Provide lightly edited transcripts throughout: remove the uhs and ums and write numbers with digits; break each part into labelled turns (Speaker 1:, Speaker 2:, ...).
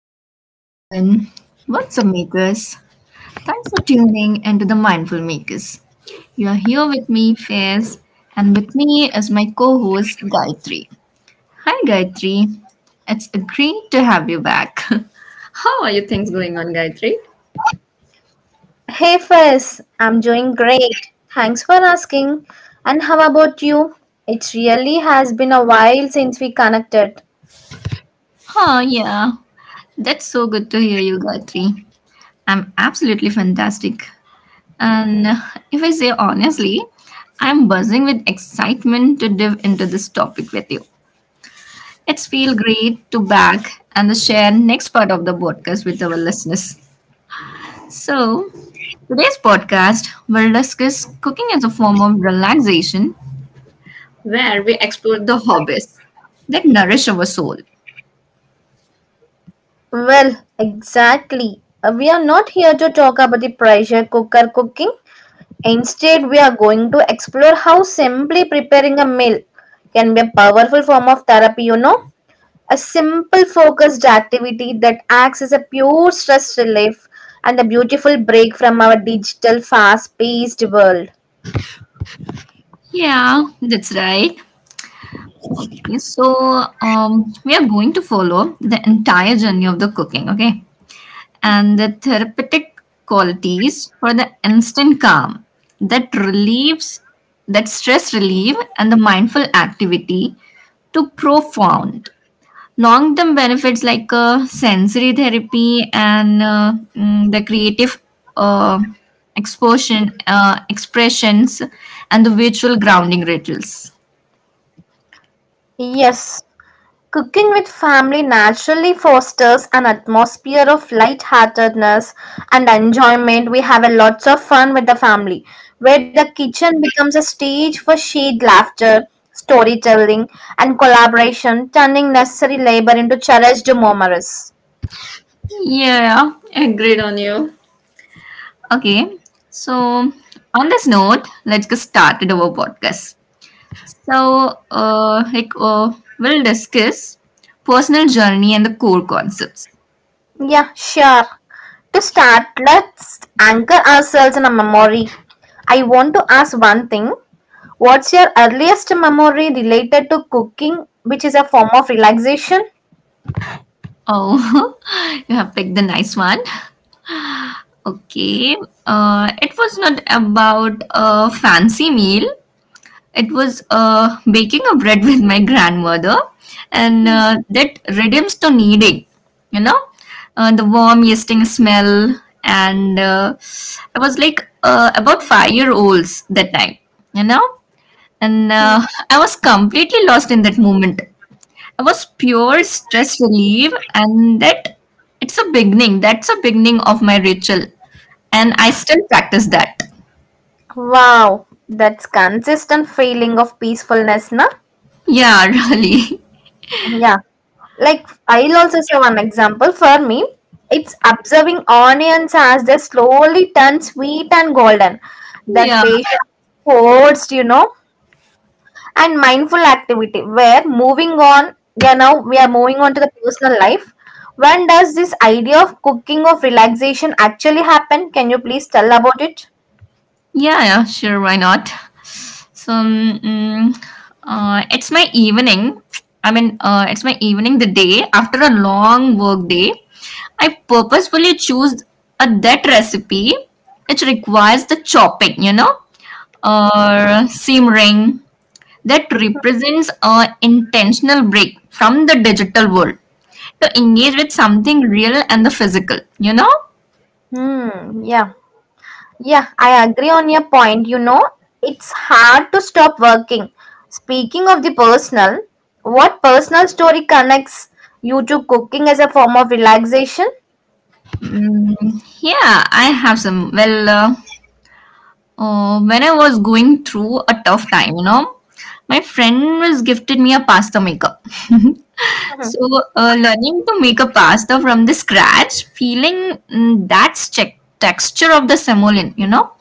Speaker 1: Hello, everyone. What's up, makers? Thanks for tuning into the Mindful Makers. You are here with me, Faiz, and with me is my co host, Gayatri. Hi, Gayatri. It's great to have you back. How are your things going on, Gayatri?
Speaker 2: Hey Fez, I'm doing great. Thanks for asking. And how about you? It really has been a while since we connected.
Speaker 1: Oh, yeah. That's so good to hear you, Gayatri. I'm absolutely fantastic. And If I say honestly, I'm buzzing with excitement to dive into this topic with you. It's feel great to back and the share next part of the podcast with our listeners. So, today's podcast will discuss cooking as a form of relaxation where we explore the hobbies that nourish our soul.
Speaker 2: Well, exactly. We are not here to talk about the pressure cooker cooking. Instead, we are going to explore how simply preparing a meal can be a powerful form of therapy, you know? A simple, focused activity that acts as a pure stress relief and a beautiful break from our digital, fast paced world.
Speaker 1: Yeah, that's right. Okay, so we are going to follow the entire journey of the cooking, okay? And the therapeutic qualities for the instant calm that relieves that stress relief and the mindful activity to profound long term benefits like sensory therapy and the creative uh, expressions and the virtual grounding rituals.
Speaker 2: Yes, cooking with family naturally fosters an atmosphere of lightheartedness and enjoyment. We have a lots of fun with the family, where the kitchen becomes a stage for shared laughter, storytelling, and collaboration, turning necessary labor into cherished memories.
Speaker 1: Yeah, agreed on you. Okay, so on this note let's get started our podcast. So, we'll discuss personal journey and the core concepts.
Speaker 2: Yeah, sure. To start, let's anchor ourselves in a memory. I want to ask one thing. What's your earliest memory related to cooking, which is a form of relaxation?
Speaker 1: Oh, you have picked the nice one. Okay. It was not about a fancy meal. It was baking a bread with my grandmother, and that redeems to kneading. You know, the warm yeasting smell, and I was like about 5 year olds that time. You know. And I was completely lost in that moment. I was pure stress relief, and that it's a beginning. That's a beginning of my ritual, and I still practice that.
Speaker 2: Wow, that's consistent feeling of peacefulness, na?
Speaker 1: Yeah, really.
Speaker 2: Yeah. Like I'll also say one example for me. It's observing onions as they slowly turn sweet and golden. That
Speaker 1: Yeah,
Speaker 2: patience forced, you know. And mindful activity where moving on. Yeah, now we are moving on to the personal life. When does this idea of cooking of relaxation actually happen? Can you please tell about it?
Speaker 1: yeah. Sure, why not? So, mm, it's my evening. I mean, it's my evening. The day after a long work day, I purposefully choose a that recipe. It requires the chopping, you know, or seam ring that represents a intentional break from the digital world to engage with something real and the physical.
Speaker 2: Hmm, yeah, yeah, I agree on your point, you know. It's hard to stop working. Speaking of the personal, what personal story connects you to cooking as a form of relaxation?
Speaker 1: Mm, yeah, I have some. Well, when I was going through a tough time, you know, my friend was gifted me a pasta maker. So learning to make a pasta from the scratch feeling, that's check texture of the semolina, you know,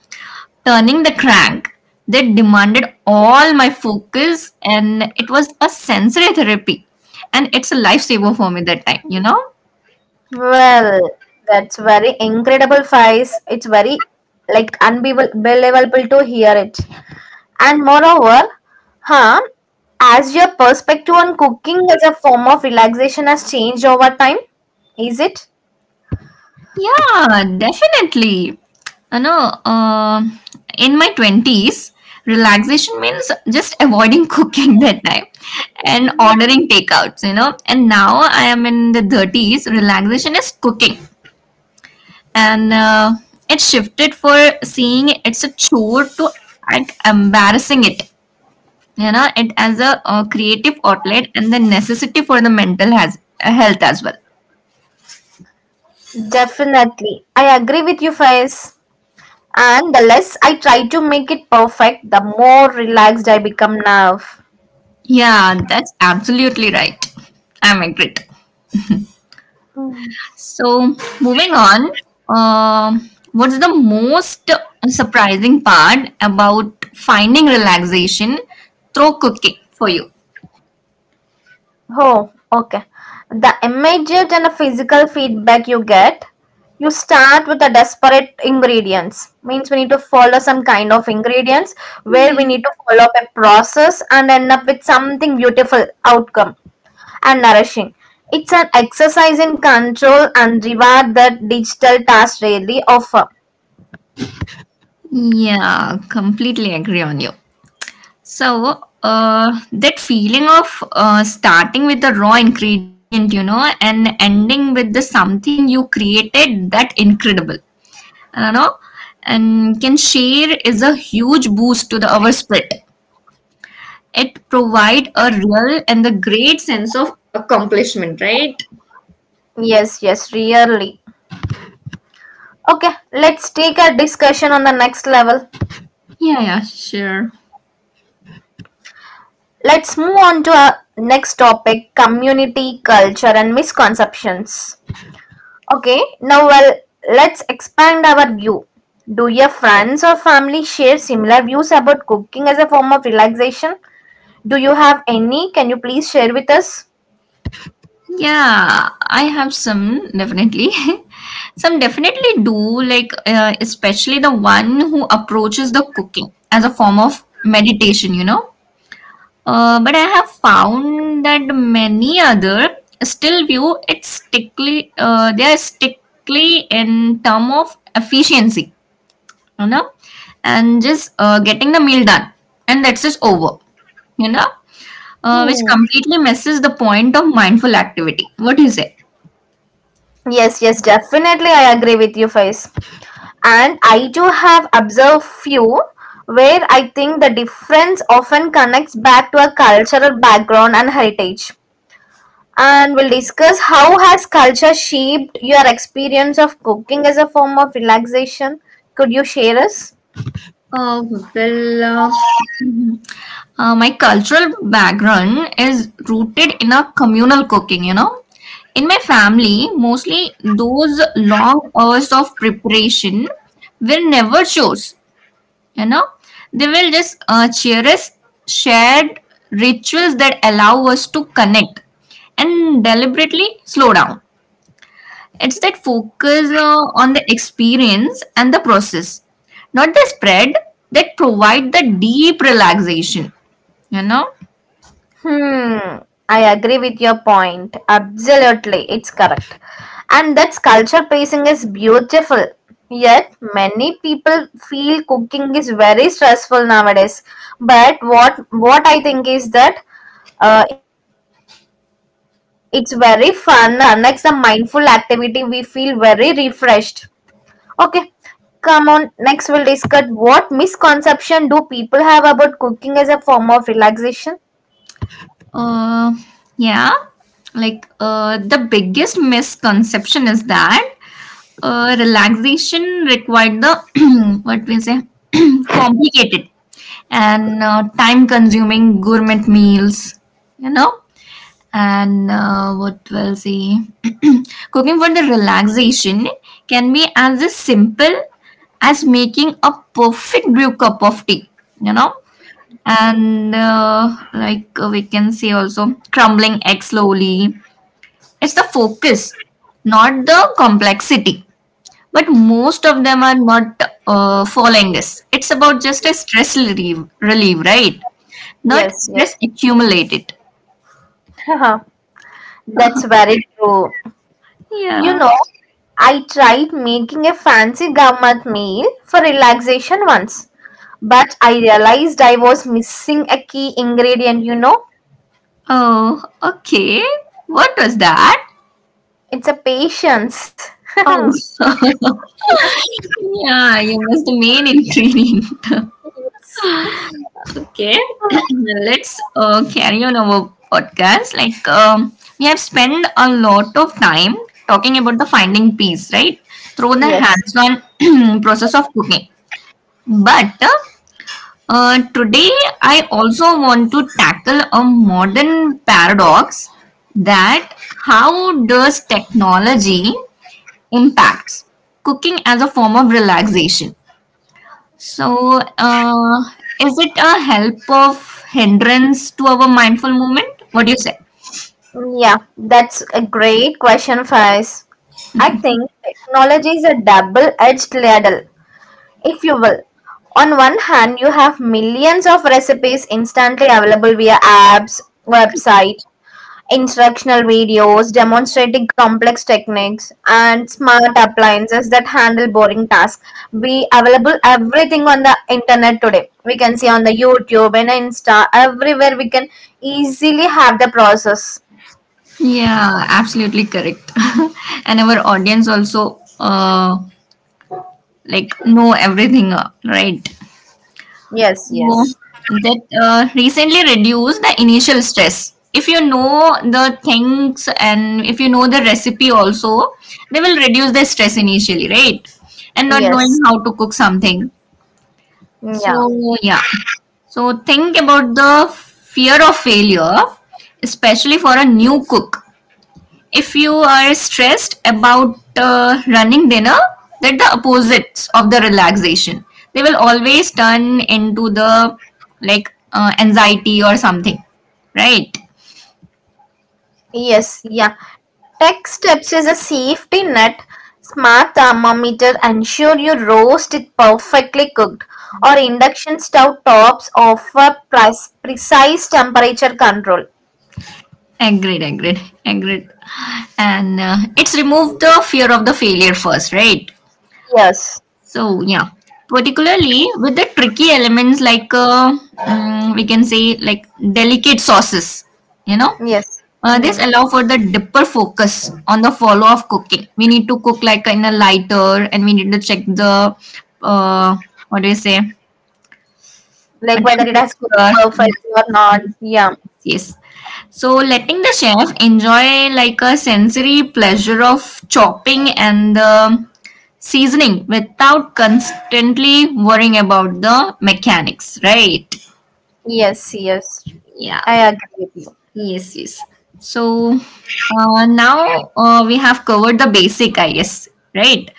Speaker 1: turning the crank, that demanded all my focus and it was a sensory therapy, and it's a lifesaver for me that time, you know.
Speaker 2: Well, that's very incredible, Faiz. It's very like unbelievable to hear it. And moreover, huh, as your perspective on cooking as a form of relaxation has changed over time, is it?
Speaker 1: Yeah, definitely. You know, in my 20s relaxation means just avoiding cooking that time and ordering takeouts, you know. And now I am in the 30s, relaxation is cooking. And it shifted for seeing it's a chore to like embarrassing it, you know, it as a creative outlet and the necessity for the mental has health as well.
Speaker 2: Definitely. I agree with you, Faiz. And the less I try to make it perfect, the more relaxed I become now.
Speaker 1: Yeah, that's absolutely right. I'm agreed. So, moving on, what's the most surprising part about finding relaxation through cooking for you?
Speaker 2: Oh, okay. The immediate and the physical feedback you get, you start with the desperate ingredients. Means we need to follow some kind of ingredients where we
Speaker 1: Yeah.
Speaker 2: need to follow up a process and end up with something beautiful outcome and nourishing. It's an exercise in control and reward that digital tasks rarely offer.
Speaker 1: Yeah, completely agree on you. So that feeling of starting with the raw ingredient, you know, and ending with the something you created, that incredible, you know, and can share is a huge boost to the our spirit. It provide a real and the great sense of accomplishment, right?
Speaker 2: Yes, yes, really. Okay, let's take a discussion on the next level.
Speaker 1: Yeah, yeah, sure.
Speaker 2: Let's move on to our next topic community culture and misconceptions. Okay, now well, let's expand our view. Do your friends or family share similar views about cooking as a form of relaxation? Do you have any? Can you please share with us?
Speaker 1: Yeah, I have some definitely. Some definitely do, like, especially the one who approaches the cooking as a form of meditation, you know. But I have found that many other still view it strictly, they are strictly in term of efficiency, you know, and just getting the meal done, and that's just over, you know, which
Speaker 2: Hmm.
Speaker 1: completely misses the point of mindful activity. What do you say?
Speaker 2: Yes, yes, definitely. I agree with you, Faiz. And I do have observed few where I think the difference often connects back to a cultural background and heritage. And we'll discuss how has culture shaped your experience of cooking as a form of relaxation. Could you share us?
Speaker 1: Uh, well, my cultural background is rooted in a communal cooking, you know. In my family, mostly those long hours of preparation will never chores, you know. They will just cherish shared rituals that allow us to connect and deliberately slow down. It's that focus on the experience and the process, not the spread, that provide the deep relaxation. You know,
Speaker 2: Hmm, I agree with your point. Absolutely, it's correct. And that's culture pacing is beautiful. Yet many people feel cooking is very stressful nowadays. But what I think is that it's very fun connects the mindful activity. We feel very refreshed. Okay, come on. Next, we'll discuss what misconception do people have about cooking as a form of relaxation.
Speaker 1: uh, yeah, like the biggest misconception is that relaxation required the what we say complicated and time-consuming gourmet meals. You know, and what we'll see cooking for the relaxation can be as a simple as making a perfect brew cup of tea, you know. And like we can see also crumbling egg slowly, it's the focus, not the complexity. But most of them are not following this. It's about just a stress relief, right? Not
Speaker 2: Yes,
Speaker 1: stress
Speaker 2: yes.
Speaker 1: accumulated.
Speaker 2: Haha, that's very true. You
Speaker 1: Yeah.
Speaker 2: know, I tried making a fancy government meal for relaxation once, but I realized I was missing a key ingredient, you know?
Speaker 1: Oh, okay. What was that?
Speaker 2: It's a patience.
Speaker 1: Oh, yeah, you was the main ingredient.
Speaker 2: Yes.
Speaker 1: Okay, let's carry on our podcast. We have spent a lot of time talking about the finding peace, right? Through the
Speaker 2: Yes.
Speaker 1: hands on process of cooking. But today, I also want to tackle a modern paradox that how does technology impacts cooking as a form of relaxation? So, is it a help of hindrance to our mindful movement? What do you say?
Speaker 2: Yeah, that's a great question, Faiz. I think technology is a double-edged ladle, if you will. On one hand, you have millions of recipes instantly available via apps, website, instructional videos demonstrating complex techniques, and smart appliances that handle boring tasks. Be available everything on the internet today. We can see on the YouTube and Insta, everywhere we can easily have the process.
Speaker 1: Yeah, absolutely correct. And our audience also like know everything, right?
Speaker 2: Yes,
Speaker 1: uh,
Speaker 2: yes,
Speaker 1: that recently reduce the initial stress if you know the things and if you know the recipe also, they will reduce the stress initially, right? And not
Speaker 2: yes,
Speaker 1: knowing how to cook something,
Speaker 2: yeah,
Speaker 1: so yeah, so think about the fear of failure, especially for a new cook. If you are stressed about running dinner, that the opposites of the relaxation. They will always turn into the like anxiety or something, right?
Speaker 2: yes, yeah. Tech steps is a safety net. Smart thermometer ensure your roast is perfectly cooked, or induction stove tops offer precise temperature control.
Speaker 1: Agreed. And it's remove the fear of the failure first, right?
Speaker 2: Yes,
Speaker 1: So yeah, particularly with the tricky elements like we can say like delicate sauces, you know.
Speaker 2: yes.
Speaker 1: This
Speaker 2: Mm.
Speaker 1: allow for the deeper focus on the follow of cooking. We need to cook like in a lighter, and we need to check the uh, what do you say, a
Speaker 2: Like whether it has cooked
Speaker 1: temperature.
Speaker 2: perfectly or
Speaker 1: Yes,
Speaker 2: not.
Speaker 1: yes.
Speaker 2: Yeah.
Speaker 1: Yes. So letting the chef enjoy like a sensory pleasure of chopping and the seasoning without constantly worrying about the mechanics, right?
Speaker 2: Yes, yes.
Speaker 1: Yeah.
Speaker 2: I agree with you.
Speaker 1: Yes, yes. So now we have covered the basic, I guess, right?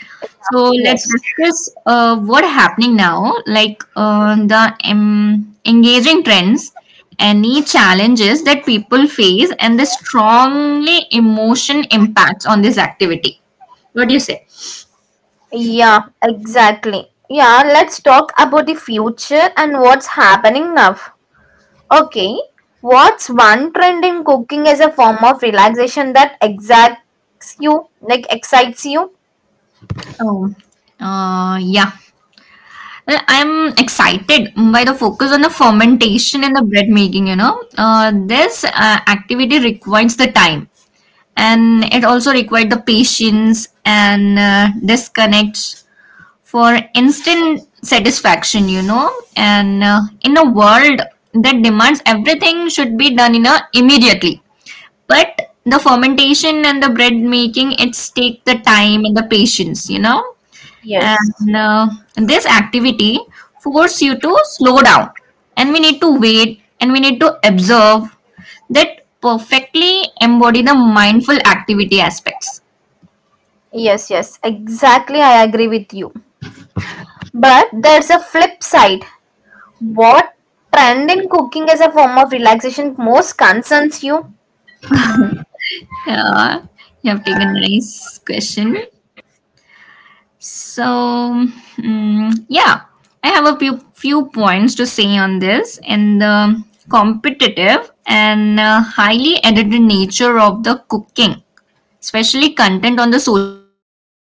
Speaker 1: So let's
Speaker 2: Yes.
Speaker 1: discuss what happening now, like the engaging trends, any challenges that people face, and the strongly emotion impacts on this activity. What do you say?
Speaker 2: Yeah, exactly. Yeah, let's talk about the future and what's happening now. Okay, what's one trend in cooking as a form of relaxation that exacts you, like excites you?
Speaker 1: Oh, yeah. Well, I'm excited by the focus on the fermentation and the bread making. You know, this activity requires the time, and it also requires the patience and disconnects for instant satisfaction. You know, and in a world that demands everything should be done in a immediately, but the fermentation and the bread making, it take the time and the patience. You know, and
Speaker 2: Yes.
Speaker 1: this activity force you to slow down. And we need to wait and we need to observe that perfectly embody the mindful activity aspects.
Speaker 2: Yes, yes, exactly. I agree with you. But there's a flip side. What trend in cooking as a form of relaxation most concerns you?
Speaker 1: Yeah, you have taken a nice question. So, yeah, I have a few points to say on this and the competitive and highly edited nature of the cooking, especially content on the social media.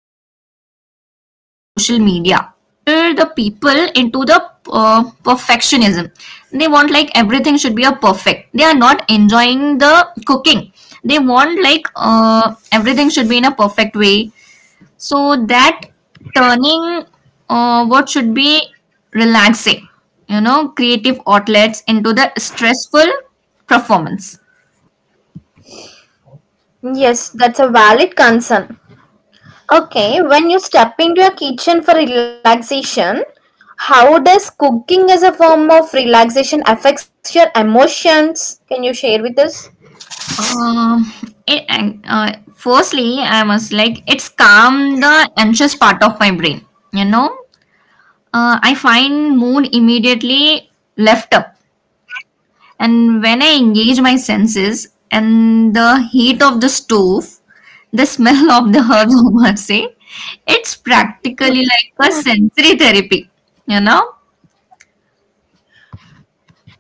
Speaker 1: The people into the perfectionism. They want like everything should be a perfect. They are not enjoying the cooking. They want like everything should be in a perfect way. So that turning what should be relaxing, you know, creative outlets into the stressful performance.
Speaker 2: Yes, that's a valid concern. Okay, when you step into your kitchen for relaxation, how does cooking as a form of relaxation affects your emotions? Can you share with us?
Speaker 1: Um, Firstly, I must like it's calm the anxious part of my brain. You know, I find mood immediately left up. And when I engage my senses and the heat of the stove, the smell of the herbs, I must say, it's practically like a sensory therapy, you know?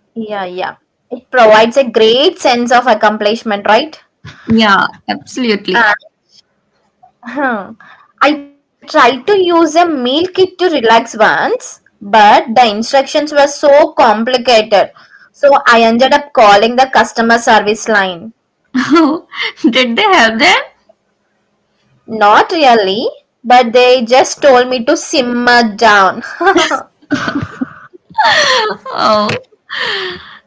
Speaker 2: Yeah, yeah. It provides a great sense of accomplishment, right?
Speaker 1: Yeah, absolutely.
Speaker 2: Uh, hmm. I tried to use a meal kit to relax once, but the instructions were so complicated. So I ended up calling the customer service line.
Speaker 1: Did they help them?
Speaker 2: Not really, but they just told me to simmer down.
Speaker 1: Oh,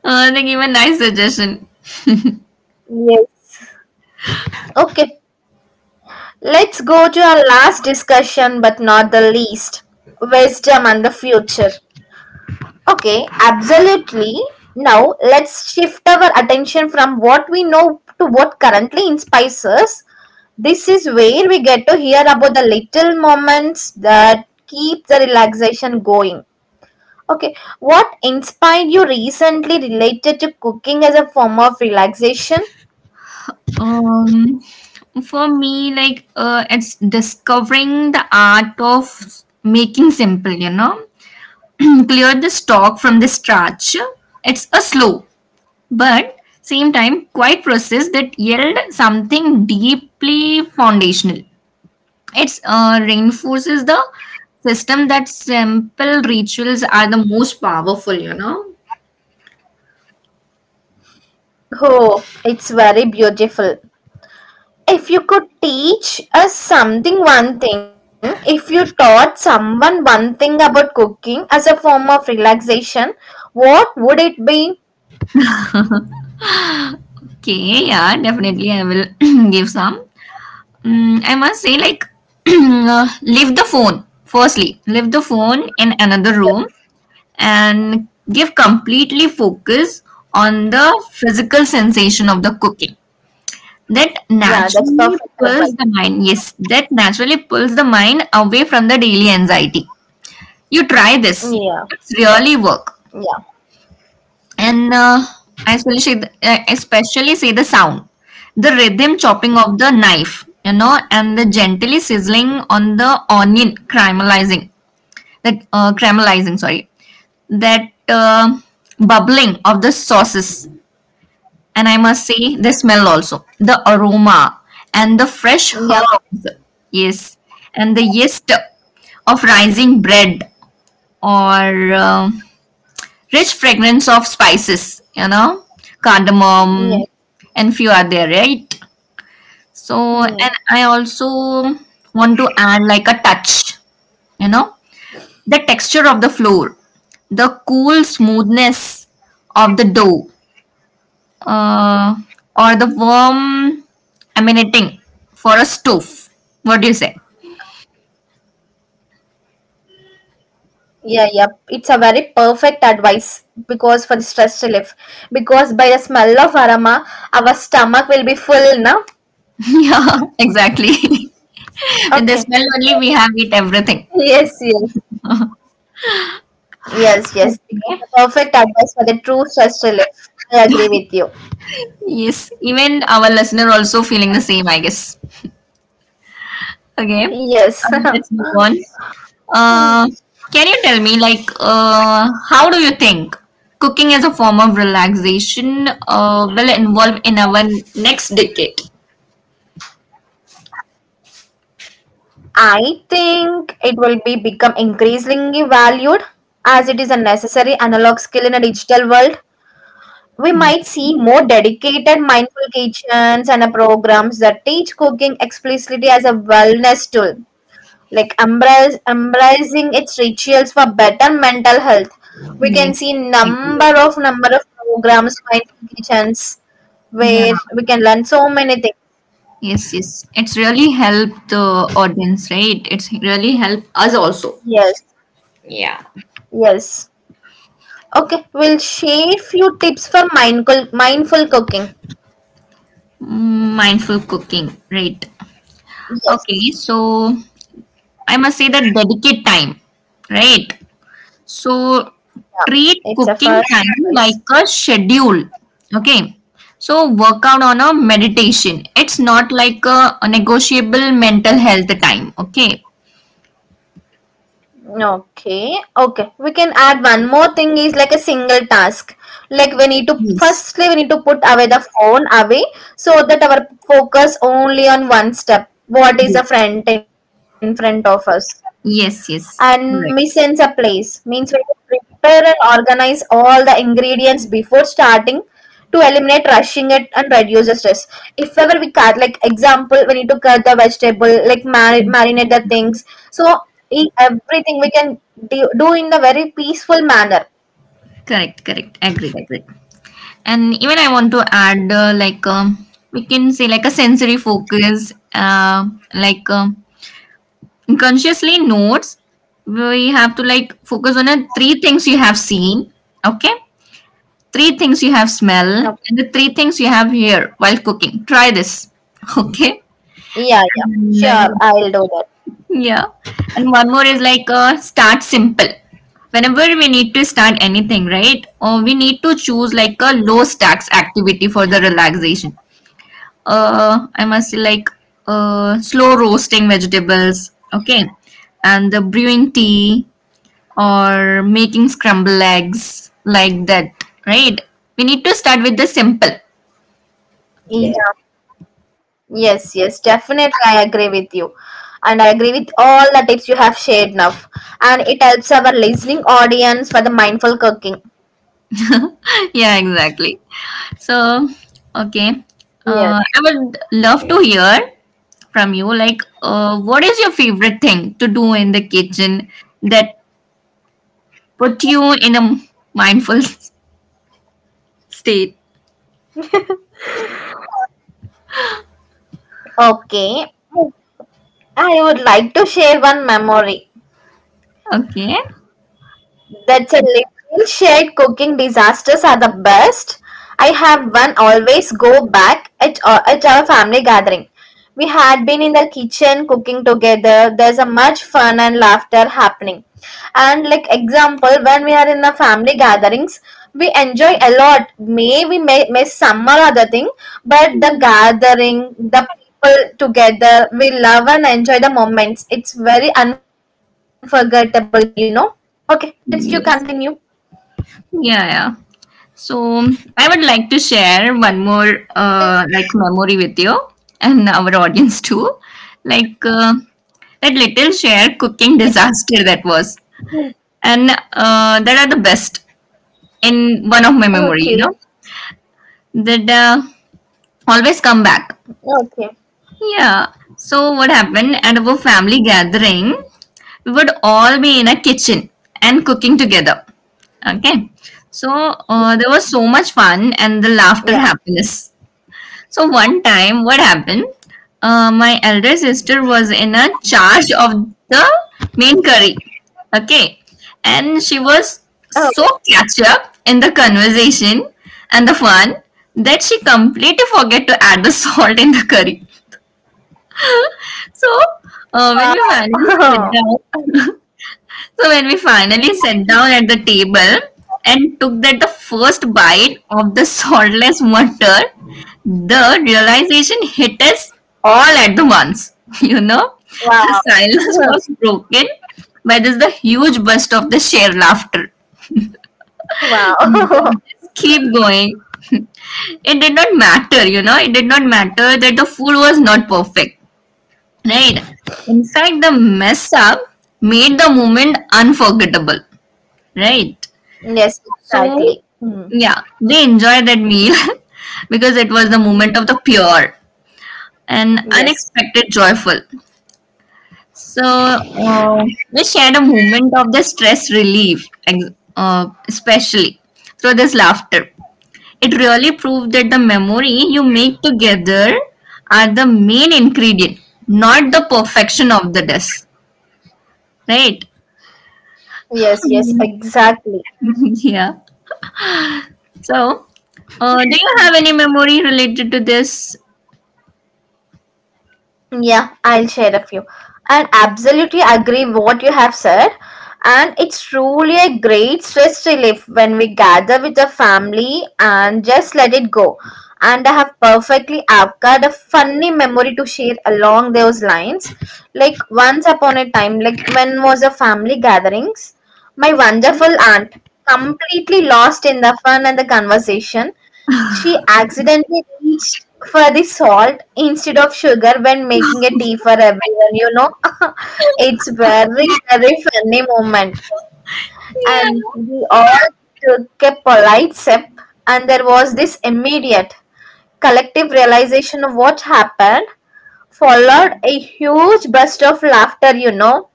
Speaker 1: they give a nice suggestion.
Speaker 2: Yes. Okay, let's go to our last discussion, but not the least wisdom and the future. Okay, absolutely. Now, let's shift our attention from what we know to what currently inspires us. This is where we get to hear about the little moments that keep the relaxation going. Okay, what inspired you recently related to cooking as a form of relaxation?
Speaker 1: Um, for me, like it's discovering the art of making simple, you know, clear the stalk from the starch. It's a slow but same time quite process that yield something deeply foundational. It reinforces the system that simple rituals are the most powerful, you know.
Speaker 2: Oh, it's very beautiful. If you could teach us something, one thing, if you taught someone one thing about cooking as a form of relaxation, what would it be?
Speaker 1: Okay, yeah, definitely I will give some. I must say, like, leave the phone. Firstly, leave the phone in another room
Speaker 2: Yes.
Speaker 1: and give completely focus on the physical sensation of the cooking that
Speaker 2: Yeah, that's
Speaker 1: naturally
Speaker 2: perfect
Speaker 1: pulls
Speaker 2: advice.
Speaker 1: the mind yes that naturally pulls the mind away from the daily anxiety. You try this,
Speaker 2: Yeah,
Speaker 1: it's really work.
Speaker 2: yeah,
Speaker 1: And I especially say the sound, the rhythm chopping of the knife, you know, and the gently sizzling on the onion caramelizing, that caramelizing, sorry, that bubbling of the sauces. And I must say the smell also, the aroma and the fresh
Speaker 2: yeah,
Speaker 1: herbs, yes, and the yeast of rising bread, or rich fragrance of spices, you know, cardamom,
Speaker 2: yes.
Speaker 1: and few are there, right? So, and I
Speaker 2: Mm.
Speaker 1: also want to add like a touch, you know, the texture of the flour, the cool smoothness of the dough, uh, or the worm emanating for a stove. What do you say?
Speaker 2: Yeah, yep. It's a very perfect advice because for the stress relief. Because by the smell of aroma, our stomach will be full, na?
Speaker 1: Yeah, exactly.
Speaker 2: Okay.
Speaker 1: With the smell only, we have
Speaker 2: Yes,
Speaker 1: it
Speaker 2: yes.
Speaker 1: everything.
Speaker 2: Yes, yes. It's a perfect
Speaker 1: Okay.
Speaker 2: advice for the true stress relief. I agree with you.
Speaker 1: Yes, even our listener also feeling the same, I guess. Okay,
Speaker 2: Yes.
Speaker 1: let's move on. Uh, can you tell me, like, how do you think cooking as a form of relaxation will involve in our next decade?
Speaker 2: I think it will be become increasingly valued as it is a necessary analog skill in a digital world. We
Speaker 1: Mm.
Speaker 2: might see more dedicated mindful kitchens and programs that teach cooking explicitly as a wellness tool, like embracing its rituals for better mental health. We can
Speaker 1: Yes,
Speaker 2: see
Speaker 1: I agree, I agree.
Speaker 2: number of programs mindful kitchens
Speaker 1: Yeah.
Speaker 2: where we can learn so many things.
Speaker 1: Yes, yes. It's really helped the audience, right? It's really helped us also.
Speaker 2: Yes,
Speaker 1: Yeah.
Speaker 2: yes. Okay, we'll share few tips for mindful cooking.
Speaker 1: Mm, mindful cooking, right? Okay, so
Speaker 2: Yes,
Speaker 1: I must say that dedicate time, right? So
Speaker 2: yeah, it's
Speaker 1: treat
Speaker 2: a first
Speaker 1: cooking time
Speaker 2: advice.
Speaker 1: like a schedule, okay? So work out on a meditation. It's not like a negotiable mental health time, okay?
Speaker 2: Okay, okay. We can add one more thing is like a single task. Like
Speaker 1: Yes.
Speaker 2: we need to put away the phone away, so that our focus only on one step. What is the friend in front of us? And
Speaker 1: Yes,
Speaker 2: missions a
Speaker 1: yes.
Speaker 2: place
Speaker 1: Correct.
Speaker 2: means we have to prepare and organize all the ingredients before starting to eliminate rushing it and reduce the stress. If ever we cut, like example, we need to cut the vegetable, like marinate the things. So in everything we can do, do in the very peaceful manner.
Speaker 1: Correct, correct. Agreed, agreed. And even I want to add, like, we can say, like, a sensory focus, like, consciously notes, we have to, like, focus on a three things you have seen, okay? Three things you have smell,
Speaker 2: Okay.
Speaker 1: and the three things you have here while cooking. Try this, okay?
Speaker 2: Yeah, yeah,
Speaker 1: And,
Speaker 2: sure,
Speaker 1: uh,
Speaker 2: I'll do that.
Speaker 1: yeah. And one more is, like, start simple. Whenever we need to start anything, right? Or we need to choose, like, a low stacks activity for the relaxation. I must say like slow roasting vegetables, okay, and the brewing tea or making scrambled eggs like that, right? We need to start with the simple.
Speaker 2: Yeah.
Speaker 1: Yeah,
Speaker 2: Yes, yes, definitely. I agree with you. And I agree with all the tips you have shared now. And it helps our listening audience for the mindful cooking.
Speaker 1: exactly. So, okay,
Speaker 2: Yes.
Speaker 1: I would love to hear from you like what is your favorite thing to do in the kitchen that put you in a mindful state?
Speaker 2: Okay. I would like to share one memory.
Speaker 1: Okay.
Speaker 2: That's a little shared cooking disasters are the best. I have one always go back at our family gathering. We had been in the kitchen cooking together. There's a much fun and laughter happening. And like example, when we are in the family gatherings, we enjoy a lot. May we may miss some or other thing, but the gathering, the people together, we love and enjoy the moments. It's very unforgettable, you know. Okay, let's you continue.
Speaker 1: Yes. Yeah, yeah. So I would like to share one more like memory with you and our audience too. Like
Speaker 2: Hmm.
Speaker 1: that little share cooking disaster that was, and that are the
Speaker 2: Okay.
Speaker 1: best in one of my memory. You know that
Speaker 2: Okay.
Speaker 1: always come back. Yeah. So what happened at our family gathering, we would all be in a kitchen and cooking together.
Speaker 2: Yes.
Speaker 1: Okay. So
Speaker 2: Yeah.
Speaker 1: there was so much fun and the laughter happiness. So one time what happened? My elder sister was in a charge of the main curry. Okay. And she
Speaker 2: Oh.
Speaker 1: was so catch up in the conversation and the fun that she completely forget to add the salt in the curry.
Speaker 2: Wow.
Speaker 1: So, when we finally sat down, so when we finally
Speaker 2: Mhm.
Speaker 1: sat down at the table and took that the first bite of the saltless mutton, the realization hit us all at the once. You know, the
Speaker 2: Wow.
Speaker 1: silence was broken by this the huge burst of the sheer laughter.
Speaker 2: Wow.
Speaker 1: Then just keep going. It did not matter, you know. It did not matter that the food was not perfect. Right. In fact, the mess up made the moment unforgettable. Right.
Speaker 2: Yes,
Speaker 1: So,
Speaker 2: exactly. Hmm.
Speaker 1: yeah, they enjoyed that meal because it was the moment of the pure and
Speaker 2: Yes.
Speaker 1: unexpected joyful. So, we shared a moment of the stress relief, especially through this laughter. It really proved that the memory you make together are the main ingredient, not the perfection of the dish. Right.
Speaker 2: Yes, yes, exactly.
Speaker 1: Yeah. So, do you have any memory related to this?
Speaker 2: Yeah, I'll share a few. And absolutely agree what you have said. And it's truly a great stress relief when we gather with the family and just let it go. And I have perfectly I've got a funny memory to share along those lines. Like once upon a time, like when was the family gatherings, my wonderful aunt completely lost in the fun and the conversation, she accidentally reached for the salt instead of sugar when making a tea for everyone, you know. It's very, very funny moment.
Speaker 1: Yeah.
Speaker 2: And we all took a polite sip and there was this immediate collective realization of what happened, followed a huge burst of laughter, you know.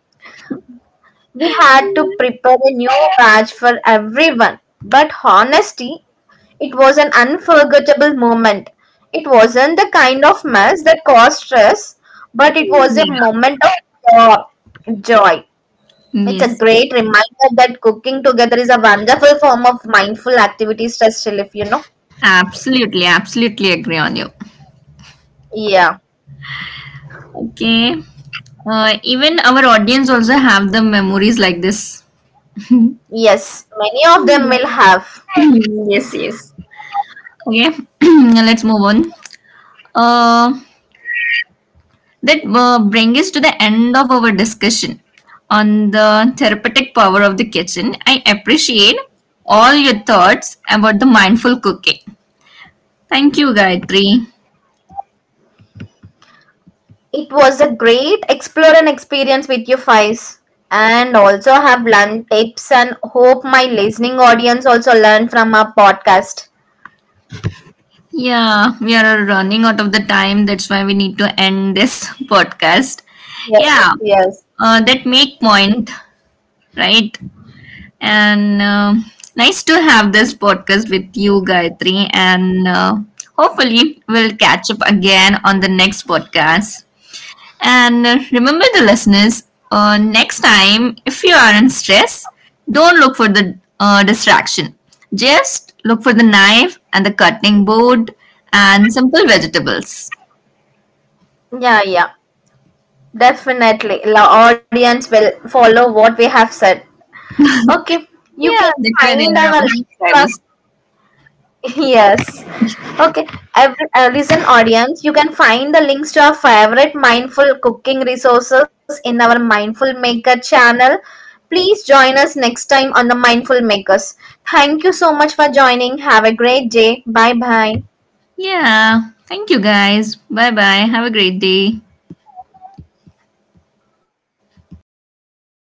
Speaker 2: We had to prepare a new batch for everyone, but honesty, it was an unforgettable moment. It wasn't the kind of mess that caused stress, but it was a
Speaker 1: Yeah.
Speaker 2: moment of uh, joy. It's a
Speaker 1: Yes.
Speaker 2: great reminder that cooking together is a wonderful form of mindful activity stress relief, you know?
Speaker 1: Absolutely. Absolutely agree on you.
Speaker 2: Yeah.
Speaker 1: Okay. Even our audience also have the memories like this.
Speaker 2: Yes, many of them
Speaker 1: Yeah.
Speaker 2: will have.
Speaker 1: Yes. Yes. Okay. Let's move on. Uh, that brings us to the end of our discussion on the therapeutic power of the kitchen. I appreciate all your thoughts about the mindful cooking. Thank you, Gayatri.
Speaker 2: It was a great explore and experience with you, Faiz. And also have learned tips and hope my listening audience also learn from our podcast.
Speaker 1: Yeah, we are running out of the time. That's why we need to end this podcast.
Speaker 2: Yes,
Speaker 1: Yeah,
Speaker 2: yes.
Speaker 1: that make point, right? And nice to have this podcast with you, Gayatri. And hopefully, we'll catch up again on the next podcast. And remember the listeners, next time, if you are in stress, don't look for the distraction. Just look for the knife and the cutting board and simple vegetables.
Speaker 2: Yeah, yeah. Definitely. The audience will follow what we have said. Okay. You can
Speaker 1: Yeah, that's where they
Speaker 2: find
Speaker 1: are
Speaker 2: our
Speaker 1: our
Speaker 2: links.
Speaker 1: subscribers.
Speaker 2: Yes. Okay. Every, listen, audience, you can find the links to our favorite mindful cooking resources in our Mindful Maker channel. Please join us next time on the Mindful Makers. Thank you so much for joining. Have a great day. Bye bye.
Speaker 1: Yeah. Thank you guys. Bye bye. Have a great day.